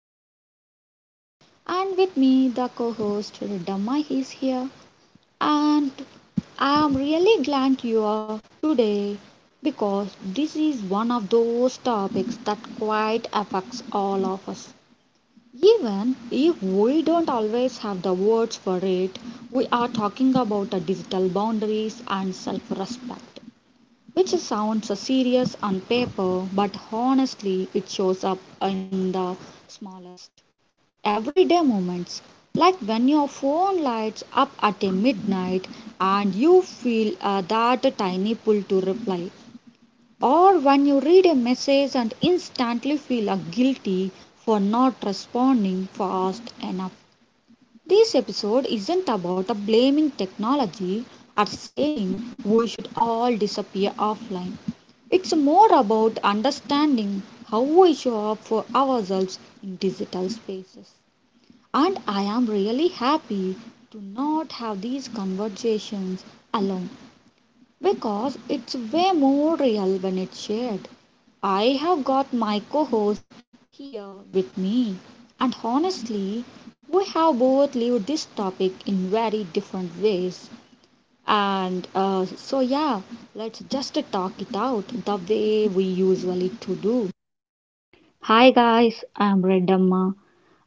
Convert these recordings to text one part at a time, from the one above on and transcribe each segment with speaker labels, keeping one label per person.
Speaker 1: host Sri Devi, and with me the co-host Riddhamma is here. And I am really glad you are today because this is one of those topics that quite affects all of us. Even if we don't always have the words for it, we are talking about the digital boundaries and self-respect, which sounds serious on paper, but honestly, it shows up in the smallest everyday moments. Like when your phone lights up at a midnight and you feel that tiny pull to reply, or when you read a message and instantly feel guilty for not responding fast enough. This episode isn't about a blaming technology or saying we should all disappear offline. It's more about understanding how we show up for ourselves in digital spaces. And I am really happy to not have these conversations alone because it's way more real when it's shared. I have got my co host here with me, and honestly, we have both lived this topic in very different ways. Yeah, let's just talk it out the way we usually to do.
Speaker 2: Hi guys, I'm Redamma.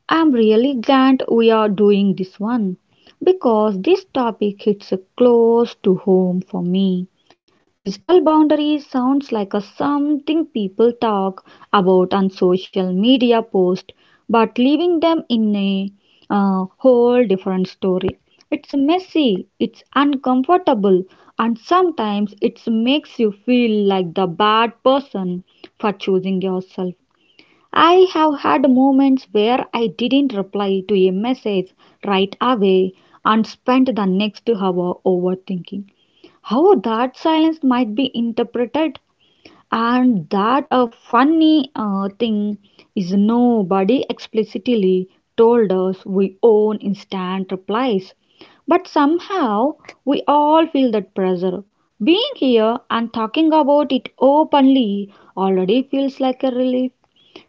Speaker 2: I'm really glad we are doing this one because this topic hits close to home for me. Digital boundaries sounds like a something people talk about on social media post, but leaving them in a whole different story. It's messy, it's uncomfortable, and sometimes it makes you feel like the bad person for choosing yourself. I have had moments where I didn't reply to a message right away and spent the next hour overthinking how that silence might be interpreted, and that a funny thing is nobody explicitly told us we own instant replies, but somehow we all feel that pressure. Being here and talking about it openly already feels like a relief,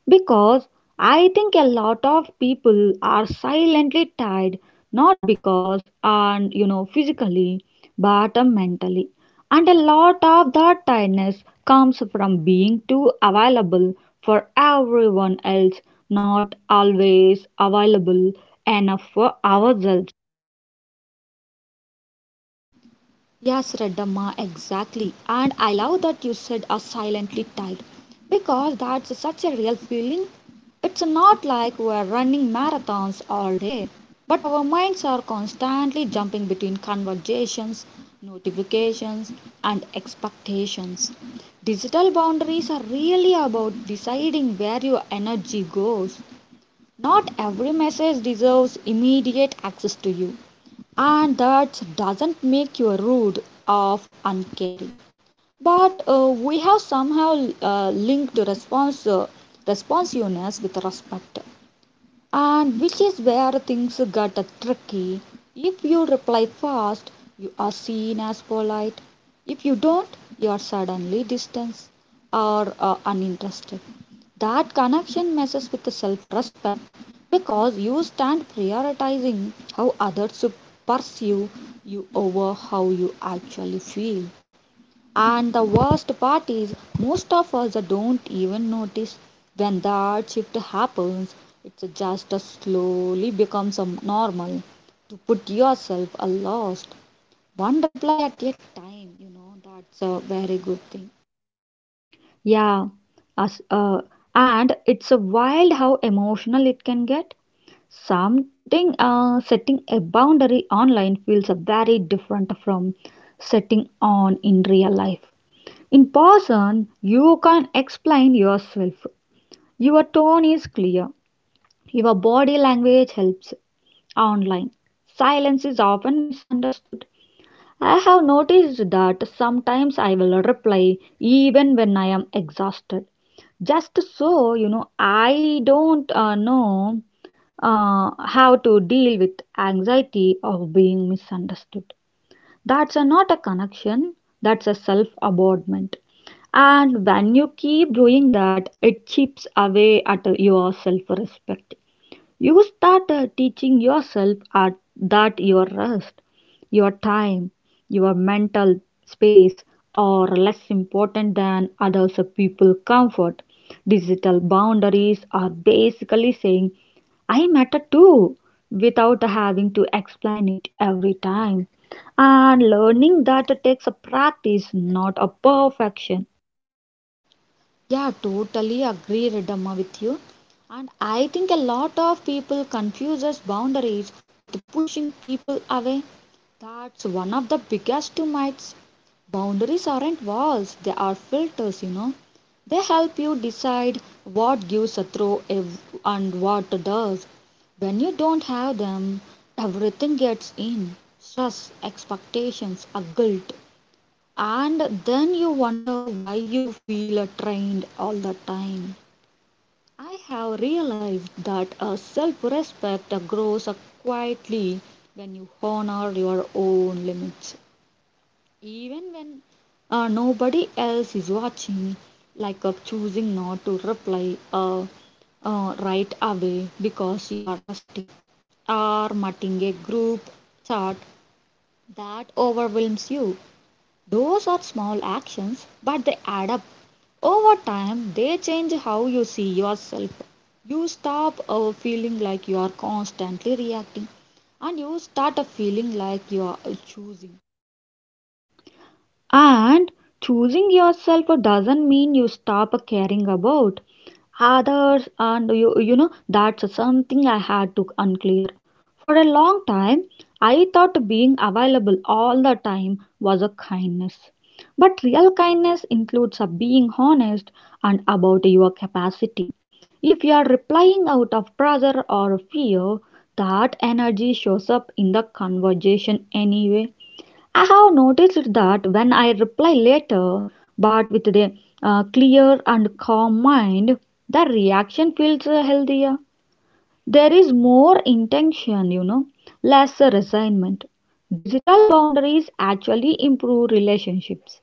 Speaker 2: because I think a lot of people are silently tired, not because and physically, but mentally. And a lot of that tiredness comes from being too available for everyone else, not always available enough for ourselves.
Speaker 1: Yes, Radhamma, exactly. And I love that you said are silently tired because that's such a real feeling. It's not like we're running marathons all day, but our minds are constantly jumping between conversations, notifications, and expectations. Digital boundaries are really about deciding where your energy goes. Not every message deserves immediate access to you, and that doesn't make you rude or uncaring. But we have somehow linked response responsiveness with respect, and which is where things get tricky. If you reply fast, you are seen as polite. If you don't, you are suddenly distant or uninterested. That connection messes with self respect because you stand prioritizing how others perceive you over how you actually feel. And the worst part is, most of us don't even notice when that shift happens. It just slowly becomes a normal to put yourself a lost one reply at a time. You know that's a very good thing.
Speaker 2: Yeah, as, uh, and it's a wild how emotional it can get. Something setting a boundary online feels very different from setting on in real life. In person, you can explain yourself. Your tone is clear. Your body language helps. Online, silence is often misunderstood. I have noticed that sometimes I will reply even when I am exhausted. Just so you know, I don't know how to deal with anxiety of being misunderstood. That's a, not a connection, that's a self abandonment. And when you keep doing that, it chips away at your self respect. You start teaching yourself at, that your rest, your time, your mental space are less important than others people's comfort. Digital boundaries are basically saying, I matter too, without having to explain it every time. And learning that takes a practice, not a perfection.
Speaker 1: Yeah, totally agree, Redamma, with you. And I think a lot of people confuses boundaries with pushing people away. That's one of the biggest myths. Boundaries aren't walls, they are filters, you know. They help you decide what gives a throw and what does. When you don't have them, everything gets in stress, expectations, a guilt. And then you wonder why you feel trained all the time. I have realized that a self respect grows quietly when you honor your own limits. Nobody else is watching, like choosing not to reply right away because you are resting, or mutting a group chat that overwhelms you. Those are small actions, but they add up. Over time, they change how you see yourself. You stop feeling like you are constantly reacting, and you start feeling like you are choosing.
Speaker 2: And choosing yourself doesn't mean you stop caring about others, and you know that's something I had to unclear. For a long time I thought being available all the time was a kindness. But real kindness includes a being honest and about your capacity. If you are replying out of pressure or fear, that energy shows up in the conversation anyway. I have noticed that when I reply later, but with a clear and calm mind, the reaction feels healthier. There is more intention, you know, less resignment. Digital boundaries actually improve relationships.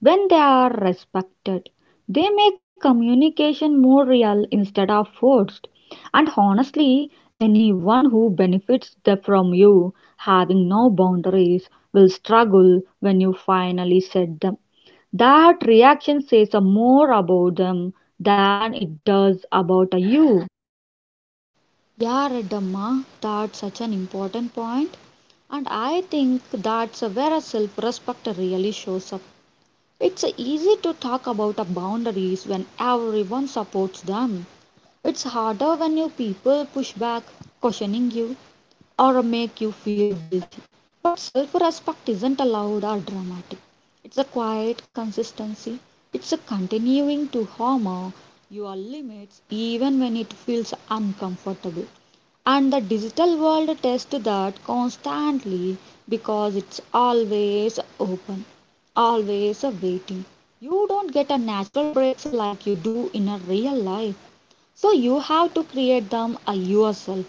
Speaker 2: When they are respected, they make communication more real instead of forced. And honestly, anyone who benefits from you having no boundaries will struggle when you finally set them. That reaction says a more about them than it does about a you.
Speaker 1: Yeah, Redamma, that's such an important point. And I think that's where a self-respect really shows up. It's easy to talk about a boundaries when everyone supports them. It's harder when your people push back, questioning you or make you feel guilty. But self respect isn't loud or dramatic. It's a quiet consistency. It's a continuing to honor your limits even when it feels uncomfortable. And the digital world tests that constantly because it's always open, always waiting. You don't get a natural breaks like you do in a real life. So you have to create them yourself.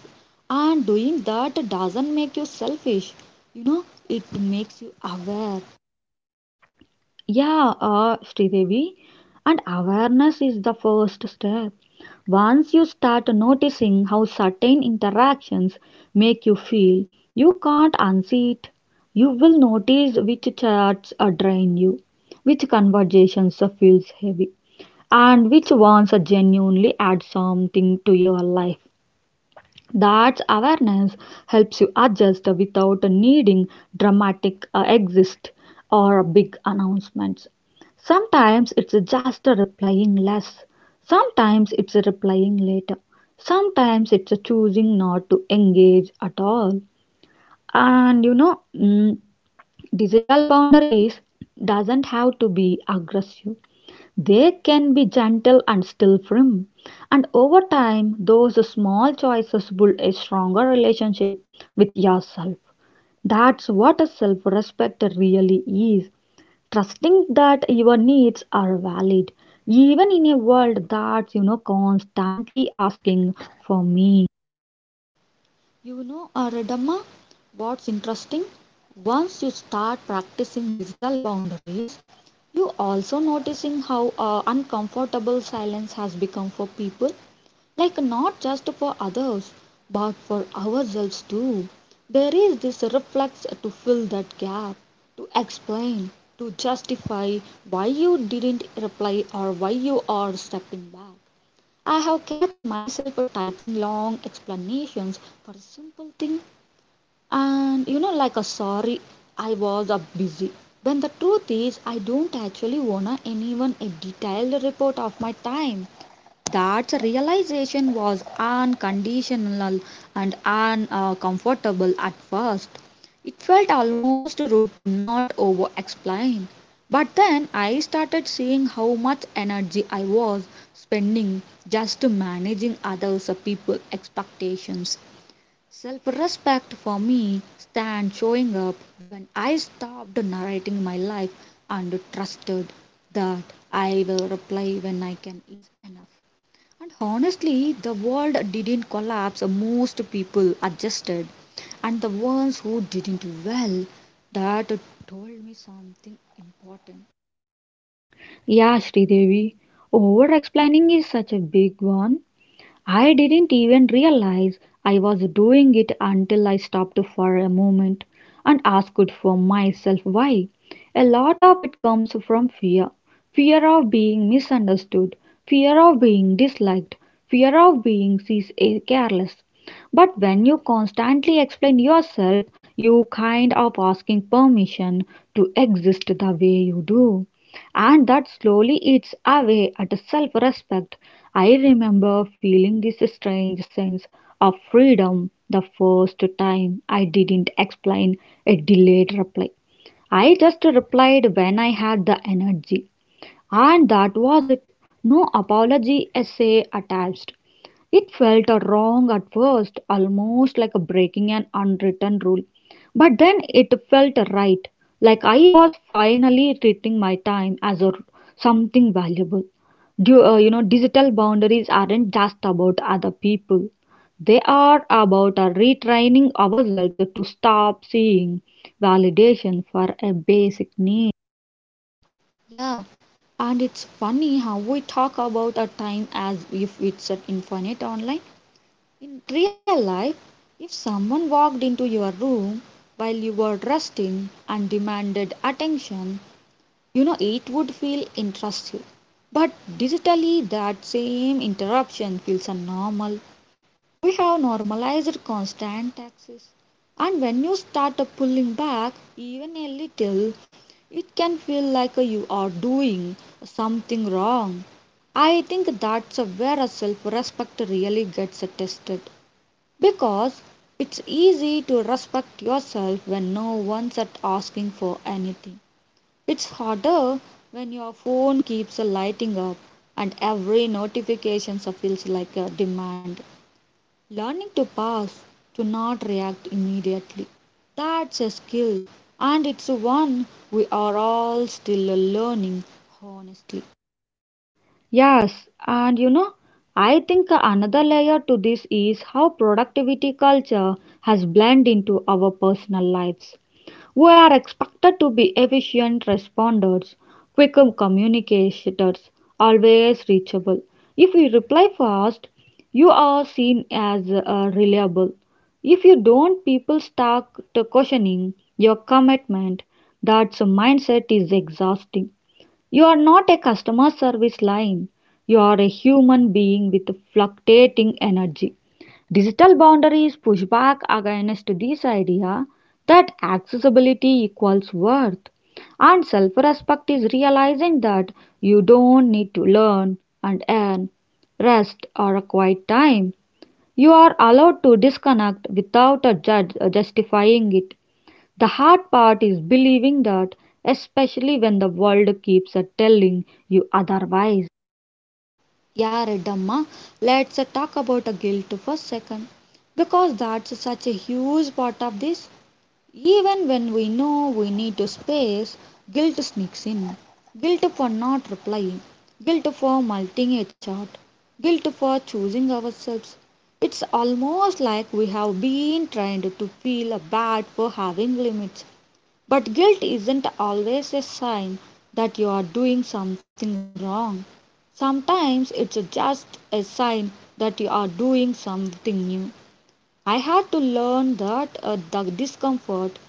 Speaker 1: And doing that doesn't make you selfish. You know, it makes you aware.
Speaker 2: Yeah, Sridevi, and awareness is the first step. Once you start noticing how certain interactions make you feel, you can't unsee it. You will notice which chats drain you, which conversations feels heavy, and which ones genuinely add something to your life. That awareness helps you adjust without needing dramatic exit or big announcements. Sometimes it's just replying less. Sometimes it's replying later. Sometimes it's choosing not to engage at all. And you know, digital boundaries doesn't have to be aggressive. They can be gentle and still firm, and over time, those small choices build a stronger relationship with yourself. That's what a self respect really is, trusting that your needs are valid, even in a world that's, you know, constantly asking for me.
Speaker 1: You know, Aradama, what's interesting? Once you start practicing digital boundaries, you also noticing how uncomfortable silence has become for people, like not just for others but for ourselves too. There is this reflex to fill that gap, to explain, to justify why you didn't reply or why you are stepping back. I have catch myself typing long explanations for a simple thing, and you know like a sorry I was up busy. When the truth is I don't actually wanna anyone a detailed report of my time. That realization was unconditional and uncomfortable at first. It felt almost rude to not over explain. But then I started seeing how much energy I was spending just managing others' people's expectations. Self respect for me stand showing up when I stopped narrating my life and trusted that I will reply when I can is enough. And honestly, the world didn't collapse. Most people adjusted, and the ones who didn't, well, that told me something important.
Speaker 2: Yeah, Sridevi, over explaining is such a big one. I didn't even realize I was doing it until I stopped for a moment and asked for myself why. A lot of it comes from fear, fear of being misunderstood, fear of being disliked, fear of being seen as careless. But when you constantly explain yourself, you kind of asking permission to exist the way you do, and that slowly eats away at self respect. I remember feeling this strange sense of freedom the first time I didn't explain a delayed reply. I just replied when I had the energy. And that was it. No apology essay attached. It felt wrong at first, almost like breaking an unwritten rule. But then it felt right, like I was finally treating my time as a, something valuable. You know, digital boundaries aren't just about other people. They are about retraining ourselves to stop seeing validation for a basic need.
Speaker 1: Yeah, and it's funny how we talk about a time as if it's an infinite online. In real life, if someone walked into your room while you were resting and demanded attention, you know it would feel intrusive. But digitally, that same interruption feels a normal. We have normalized constant taxes, and when you start pulling back even a little, it can feel like you are doing something wrong. I think that's where self respect really gets tested because it's easy to respect yourself when no one's at asking for anything. It's harder when your phone keeps lighting up and every notification feels like a demand. Learning to pause, to not react immediately, that's a skill, and it's one we are all still learning, honestly.
Speaker 2: Yes, and you know, I think another layer to this is how productivity culture has blended into our personal lives. We are expected to be efficient responders, quick communicators, always reachable. If you reply fast, you are seen as reliable. If you don't, people start questioning your commitment. That mindset is exhausting. You are not a customer service line. You are a human being with fluctuating energy. Digital boundaries push back against this idea that accessibility equals worth. And self respect is realizing that you don't need to learn and earn rest or a quiet time. You are allowed to disconnect without a judge justifying it. The hard part is believing that, especially when the world keeps at telling you otherwise.
Speaker 1: Yeah, Redamma, let's talk about guilt for a second, because that's such a huge part of this. Even when we know we need space, guilt sneaks in. Guilt for not replying, guilt for multing a chat, guilt for choosing ourselves. It's almost like we have been trained to feel bad for having limits. But guilt isn't always a sign that you are doing something wrong. Sometimes it's just a sign that you are doing something new. I had to learn that the discomfort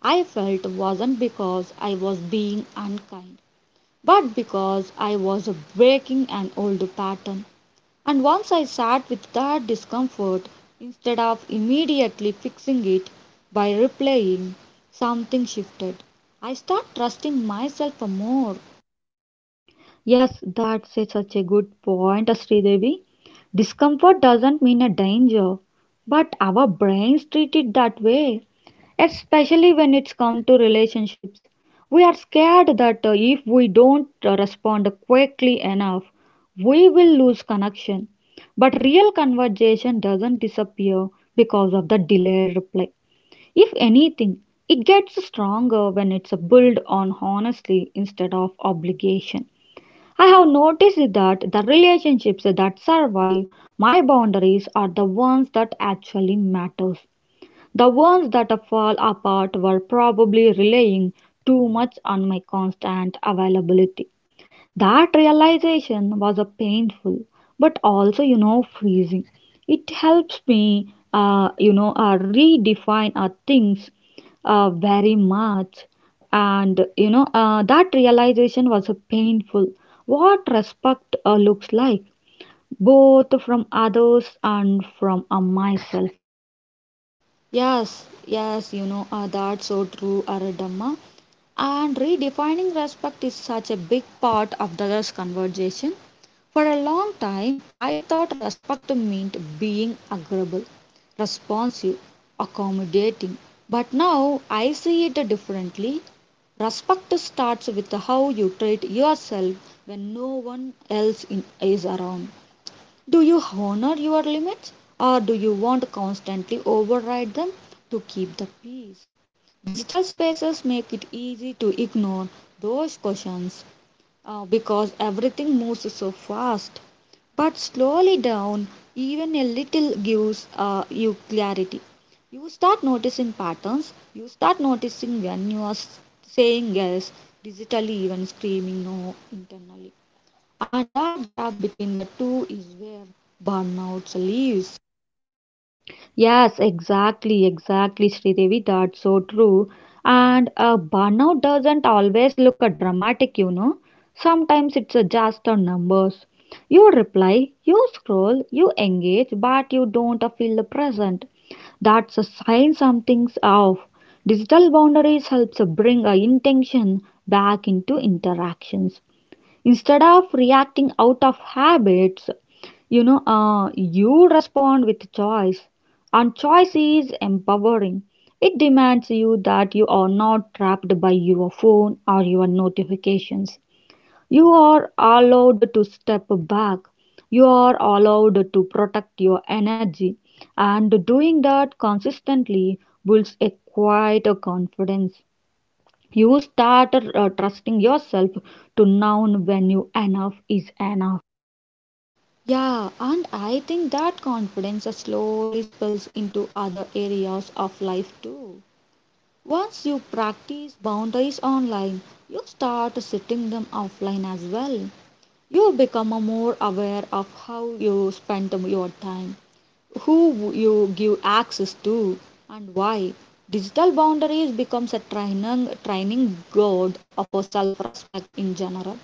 Speaker 1: I felt wasn't because I was being unkind, but because I was breaking an old pattern. And once I sat with that discomfort, instead of immediately fixing it by replaying, something shifted. I start trusting myself more.
Speaker 2: Yes, such a good point, Sridevi. Discomfort doesn't mean a danger, but our brains treat it that way. Especially when it's come to relationships, we are scared that if we don't respond quickly enough, we will lose connection. But real conversation doesn't disappear because of the delayed reply. If anything, it gets stronger when it's built on honesty instead of obligation. I have noticed that the relationships that survive my boundaries are the ones that actually matters. The ones that fall apart were probably relying too much on my constant availability. That realization was a painful, but also you know freezing. It helps me redefine things very much, and you know that realization was a painful what respect looks like, both from others and from myself.
Speaker 1: Yes, yes, you know, that's so true, Aradamma. And redefining respect is such a big part of the conversation. For a long time, I thought respect meant being agreeable, responsive, accommodating. But now I see it differently. Respect starts with how you treat yourself when no one else in, is around. Do you honor your limits or do you want to constantly override them to keep the peace? Digital spaces make it easy to ignore those questions because everything moves so fast. But slowly down, even a little gives you clarity. You start noticing patterns, you start noticing when you are saying yes, digitally, even screaming no internally. And that gap between the two is where burnout lives.
Speaker 2: Yes, exactly, exactly, Sridevi. That's so true. And burnout doesn't always look dramatic, you know. Sometimes it's just on numbers. You reply, you scroll, you engage, but you don't feel the present. That's a sign something's off. Digital boundaries helps bring intention back into interactions instead of reacting out of habits. You know, you respond with choice, and choice is empowering. It demands you that you are not trapped by your phone or your notifications. You are allowed to step back. You are allowed to protect your energy, and doing that consistently builds a quite a confidence. You start trusting yourself to known when you enough is enough.
Speaker 1: Yeah, and I think that confidence slowly spills into other areas of life too. Once you practice boundaries online, you start setting them offline as well. You become more aware of how you spend your time, who you give access to, and why. Digital boundaries becomes a training guide for self-respect in general.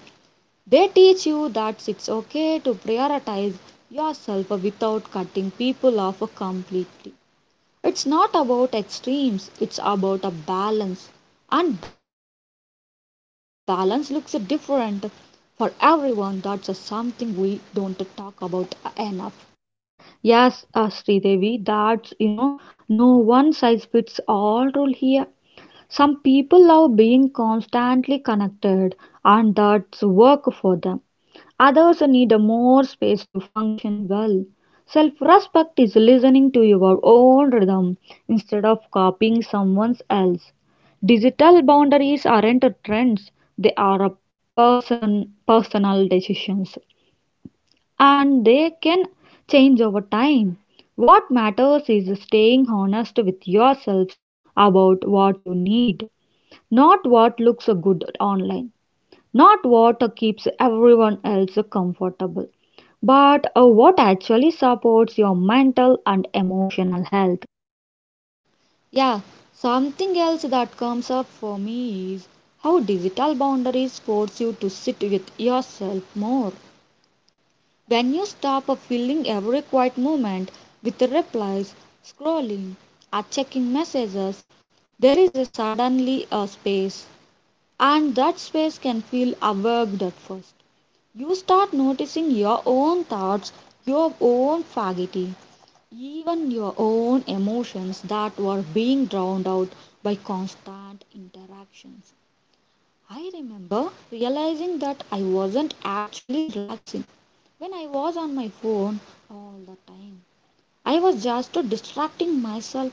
Speaker 1: They teach you that it's okay to prioritize yourself without cutting people off completely. It's not about extremes, it's about a balance. And balance looks different for everyone. That's a something we don't talk about enough.
Speaker 2: Yes, Sridevi, that's you know no one size fits all rule here. Some people love being constantly connected, and that's work for them. Others need a more space to function well. Self respect is listening to your own rhythm instead of copying someone else. Digital boundaries aren't trends, they are a personal decisions, and they can change over time. What matters is staying honest with yourselves about what you need. Not what looks good online, not what keeps everyone else comfortable, but what actually supports your mental and emotional health.
Speaker 1: Yeah, something else that comes up for me is how digital boundaries force you to sit with yourself more. When you stop filling every quiet moment with replies, scrolling, or checking messages, there is suddenly a space, and that space can feel awkward at first. You start noticing your own thoughts, your own fatigue, even your own emotions that were being drowned out by constant interactions. I remember realizing that I wasn't actually relaxing when I was on my phone all the time. I was just distracting myself.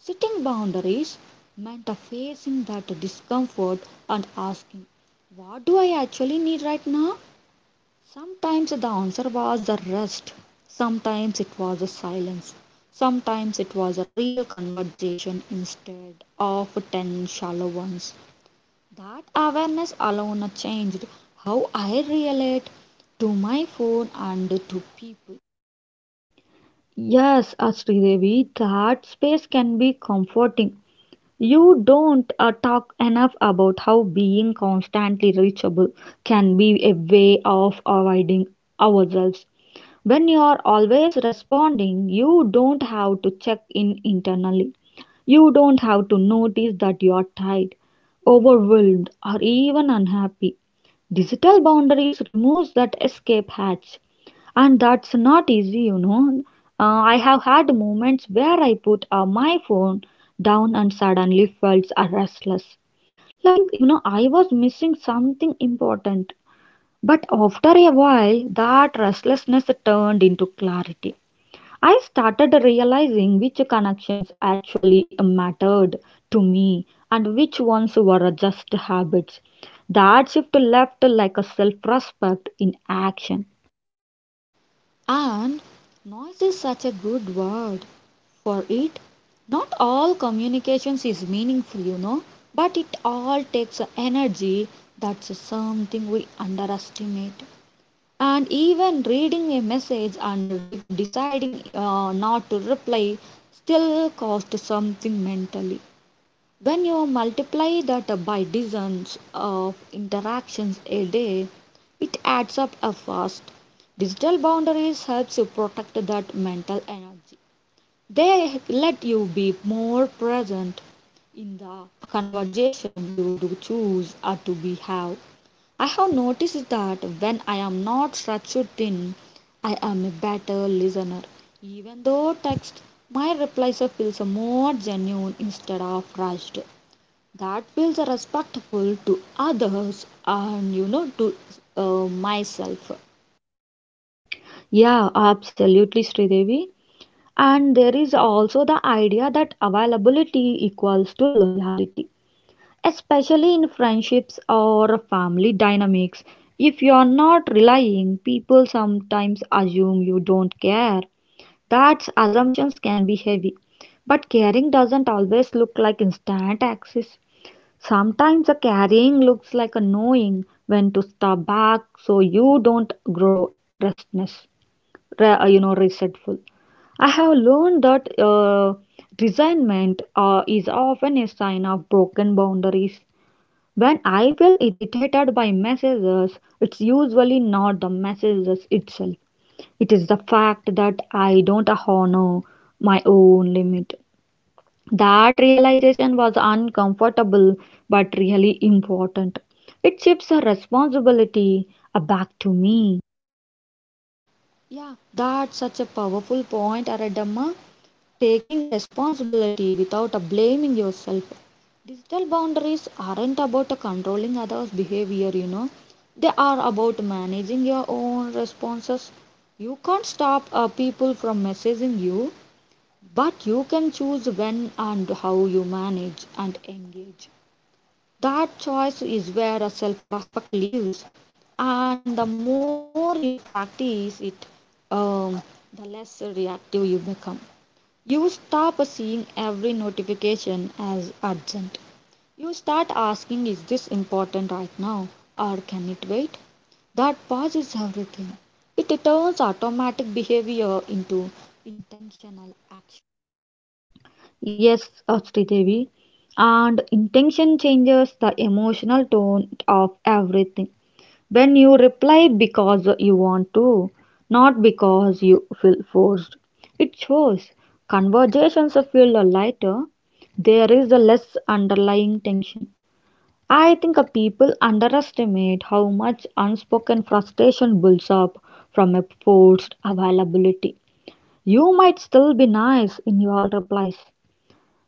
Speaker 1: Setting boundaries meant a facing that discomfort and asking, what do I actually need right now? Sometimes the answer was a rest, sometimes it was a silence, sometimes it was a real conversation instead of 10 shallow ones. That awareness alone changed how I relate to my phone and to people.
Speaker 2: Yes, Sridevi, that space can be comforting. You don't talk enough about how being constantly reachable can be a way of avoiding ourselves. When you are always responding, you don't have to check in internally. You don't have to notice that you are tired, overwhelmed, or even unhappy. Digital boundaries removes that escape hatch, and that's not easy you know. I have had moments where I put my phone down and suddenly felt restless, like you know I was missing something important, but after a while that restlessness turned into clarity. I started realizing which connections actually mattered to me and which ones were just habits. That shift left like a self-respect in action.
Speaker 1: And noise is such a good word for it. Not all communications is meaningful, you know, but it all takes energy. That's something we underestimate. And even reading a message and deciding not to reply still costs something mentally. When you multiply that by dozens of interactions a day, it adds up a fast. Digital boundaries helps you protect that mental energy. They let you be more present in the conversation you do choose or to be have. I have noticed that when I am not structured thin, I am a better listener. Even though text, my replies feels more genuine instead of rushed. That feels respectful to others and you know to myself.
Speaker 2: Yeah, absolutely, Sridevi. And there is also the idea that availability equals to loyalty, especially in friendships or family dynamics. If you are not relying, people sometimes assume you don't care. That assumptions can be heavy. But caring doesn't always look like instant access. Sometimes the caring looks like a knowing when to step back so you don't grow restlessness you know resentful. I have learned that resentment is often a sign of broken boundaries. When I feel irritated by messages, it's usually not the messages itself, it is the fact that I don't honor my own limit. That realization was uncomfortable but really important. It shifts the responsibility back to me.
Speaker 1: Yeah, that's such a powerful point, Aradamma. Taking a responsibility without a blaming yourself. Digital boundaries aren't about a controlling others' behavior, you know. They are about managing your own responses. You can't stop people from messaging you, but you can choose when and how you manage and engage. That choice is where self respect lives. And the more you practice it, um, the less reactive you become. You stop seeing every notification as urgent. You start asking, is this important right now or can it wait? That pauses everything. It turns automatic behavior into intentional action.
Speaker 2: Yes, Sridevi. And intention changes the emotional tone of everything. When you reply because you want to, not because you feel forced, it shows conversations feel lighter. There is a less underlying tension. I think people underestimate how much unspoken frustration builds up from a forced availability. You might still be nice in your replies,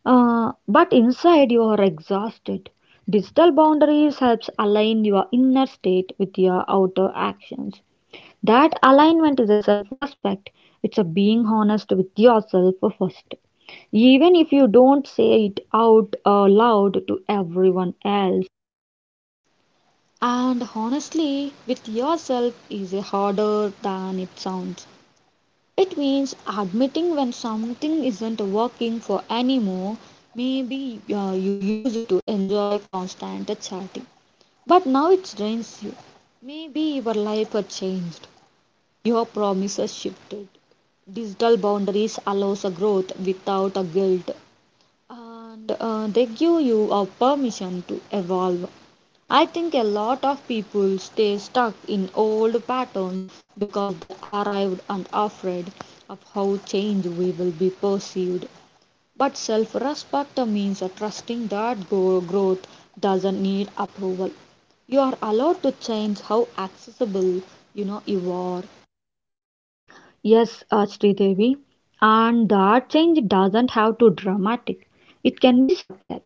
Speaker 2: but inside you are exhausted. Digital boundaries helps align your inner state with your outer actions. That alignment is a self-respect. It's a being honest with yourself first. Even if you don't say it out loud to everyone else.
Speaker 1: And honestly, with yourself is harder than it sounds. It means admitting when something isn't working for anymore. Maybe you used to enjoy constant chatting. But now it drains you. Maybe your life has changed. Your promises shifted. Digital boundaries allows a growth without a guilt, and they give you a permission to evolve. I think a lot of people stay stuck in old patterns because they arrived and afraid of how change we will be perceived. But self respect means trusting that growth doesn't need approval. You are allowed to change how accessible you know you are.
Speaker 2: Yes, Sridevi. And that change doesn't have to dramatic. It can be subtle.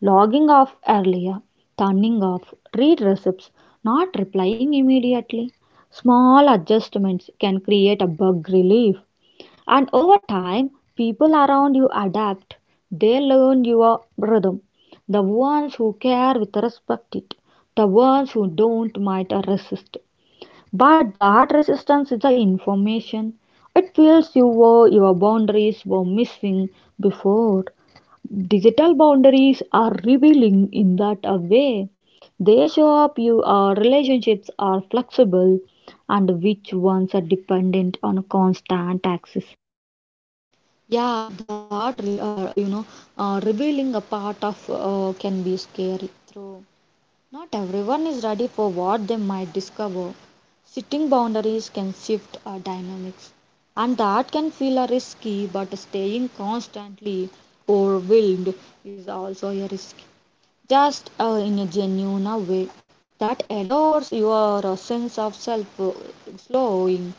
Speaker 2: Logging off earlier, turning off, read receipts, not replying immediately. Small adjustments can create a bug relief. And over time, people around you adapt. They learn your rhythm. The ones who care will respect it. The ones who don't might resist. But that resistance is the information. It feels you were your boundaries were missing before. Digital boundaries are revealing in that a way. They show up you our relationships are flexible and which ones are dependent on constant access.
Speaker 1: Yeah, that you know revealing a part of can be scary. Through not everyone is ready for what they might discover. Sitting boundaries can shift our dynamics, and that can feel a risky. But staying constantly overwhelmed is also a risk. Just in a genuine way that adores your sense of self slowing.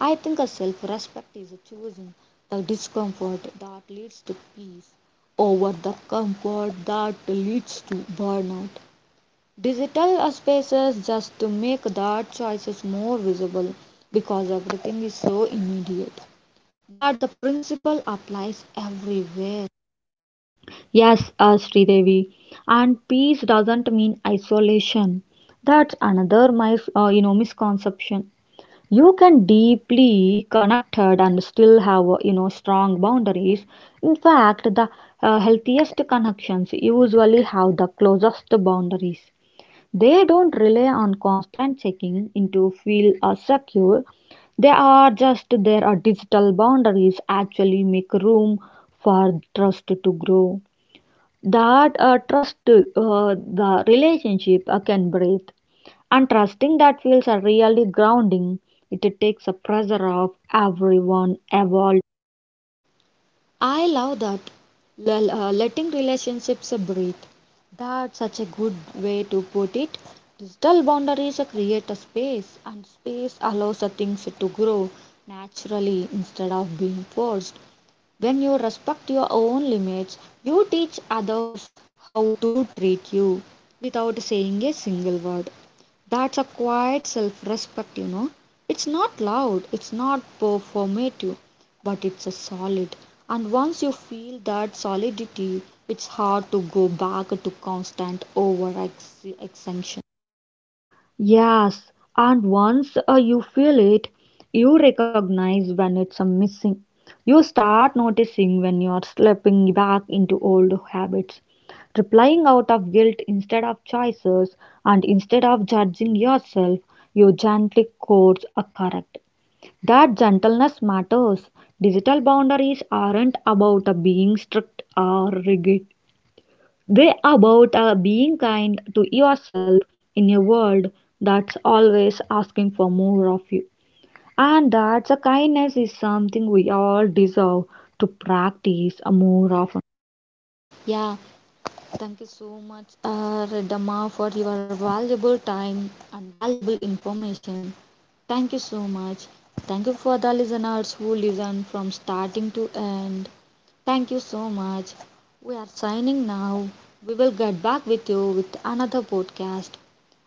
Speaker 1: I think a self respect is choosing the discomfort that leads to peace over the comfort that leads to burnout. Digital spaces just to make that choices more visible because everything is so immediate. But the principle applies everywhere.
Speaker 2: Yes, Sridevi. And peace doesn't mean isolation. That's another you know misconception. You can deeply connected and still have you know strong boundaries. In fact, the healthiest connections usually have the closest boundaries. They don't rely on constant checking in to feel secure, they are just there. Are digital boundaries actually make room for trust to grow. That trust the relationship can breathe, and trusting that feels are really grounding. It takes the pressure off everyone evolved.
Speaker 1: I love that. Letting relationships breathe. That's such a good way to put it. Digital boundaries create a space, and space allows the things to grow naturally instead of being forced. When you respect your own limits, you teach others how to treat you without saying a single word. That's a quiet self respect, you know. It's not loud, it's not performative, but it's a solid. And once you feel that solidity, it's hard to go back to constant over extension.
Speaker 2: Yes, and once you feel it you recognize when it's a missing. You start noticing when you are slipping back into old habits, replying out of guilt instead of choices. And instead of judging yourself, you gently course a correct. That gentleness matters. Digital boundaries aren't about being strict or rigid. They are about being kind to yourself in a world that's always asking for more of you. And that kindness is something we all deserve to practice more often.
Speaker 1: Yeah, thank you so much, Redamma, for your valuable time and valuable information. Thank you so much. Thank you for the listeners who listen from starting to end. Thank you so much. We are signing now. We will get back with you with another podcast.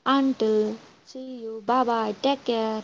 Speaker 1: Until see you. Bye bye. Take care.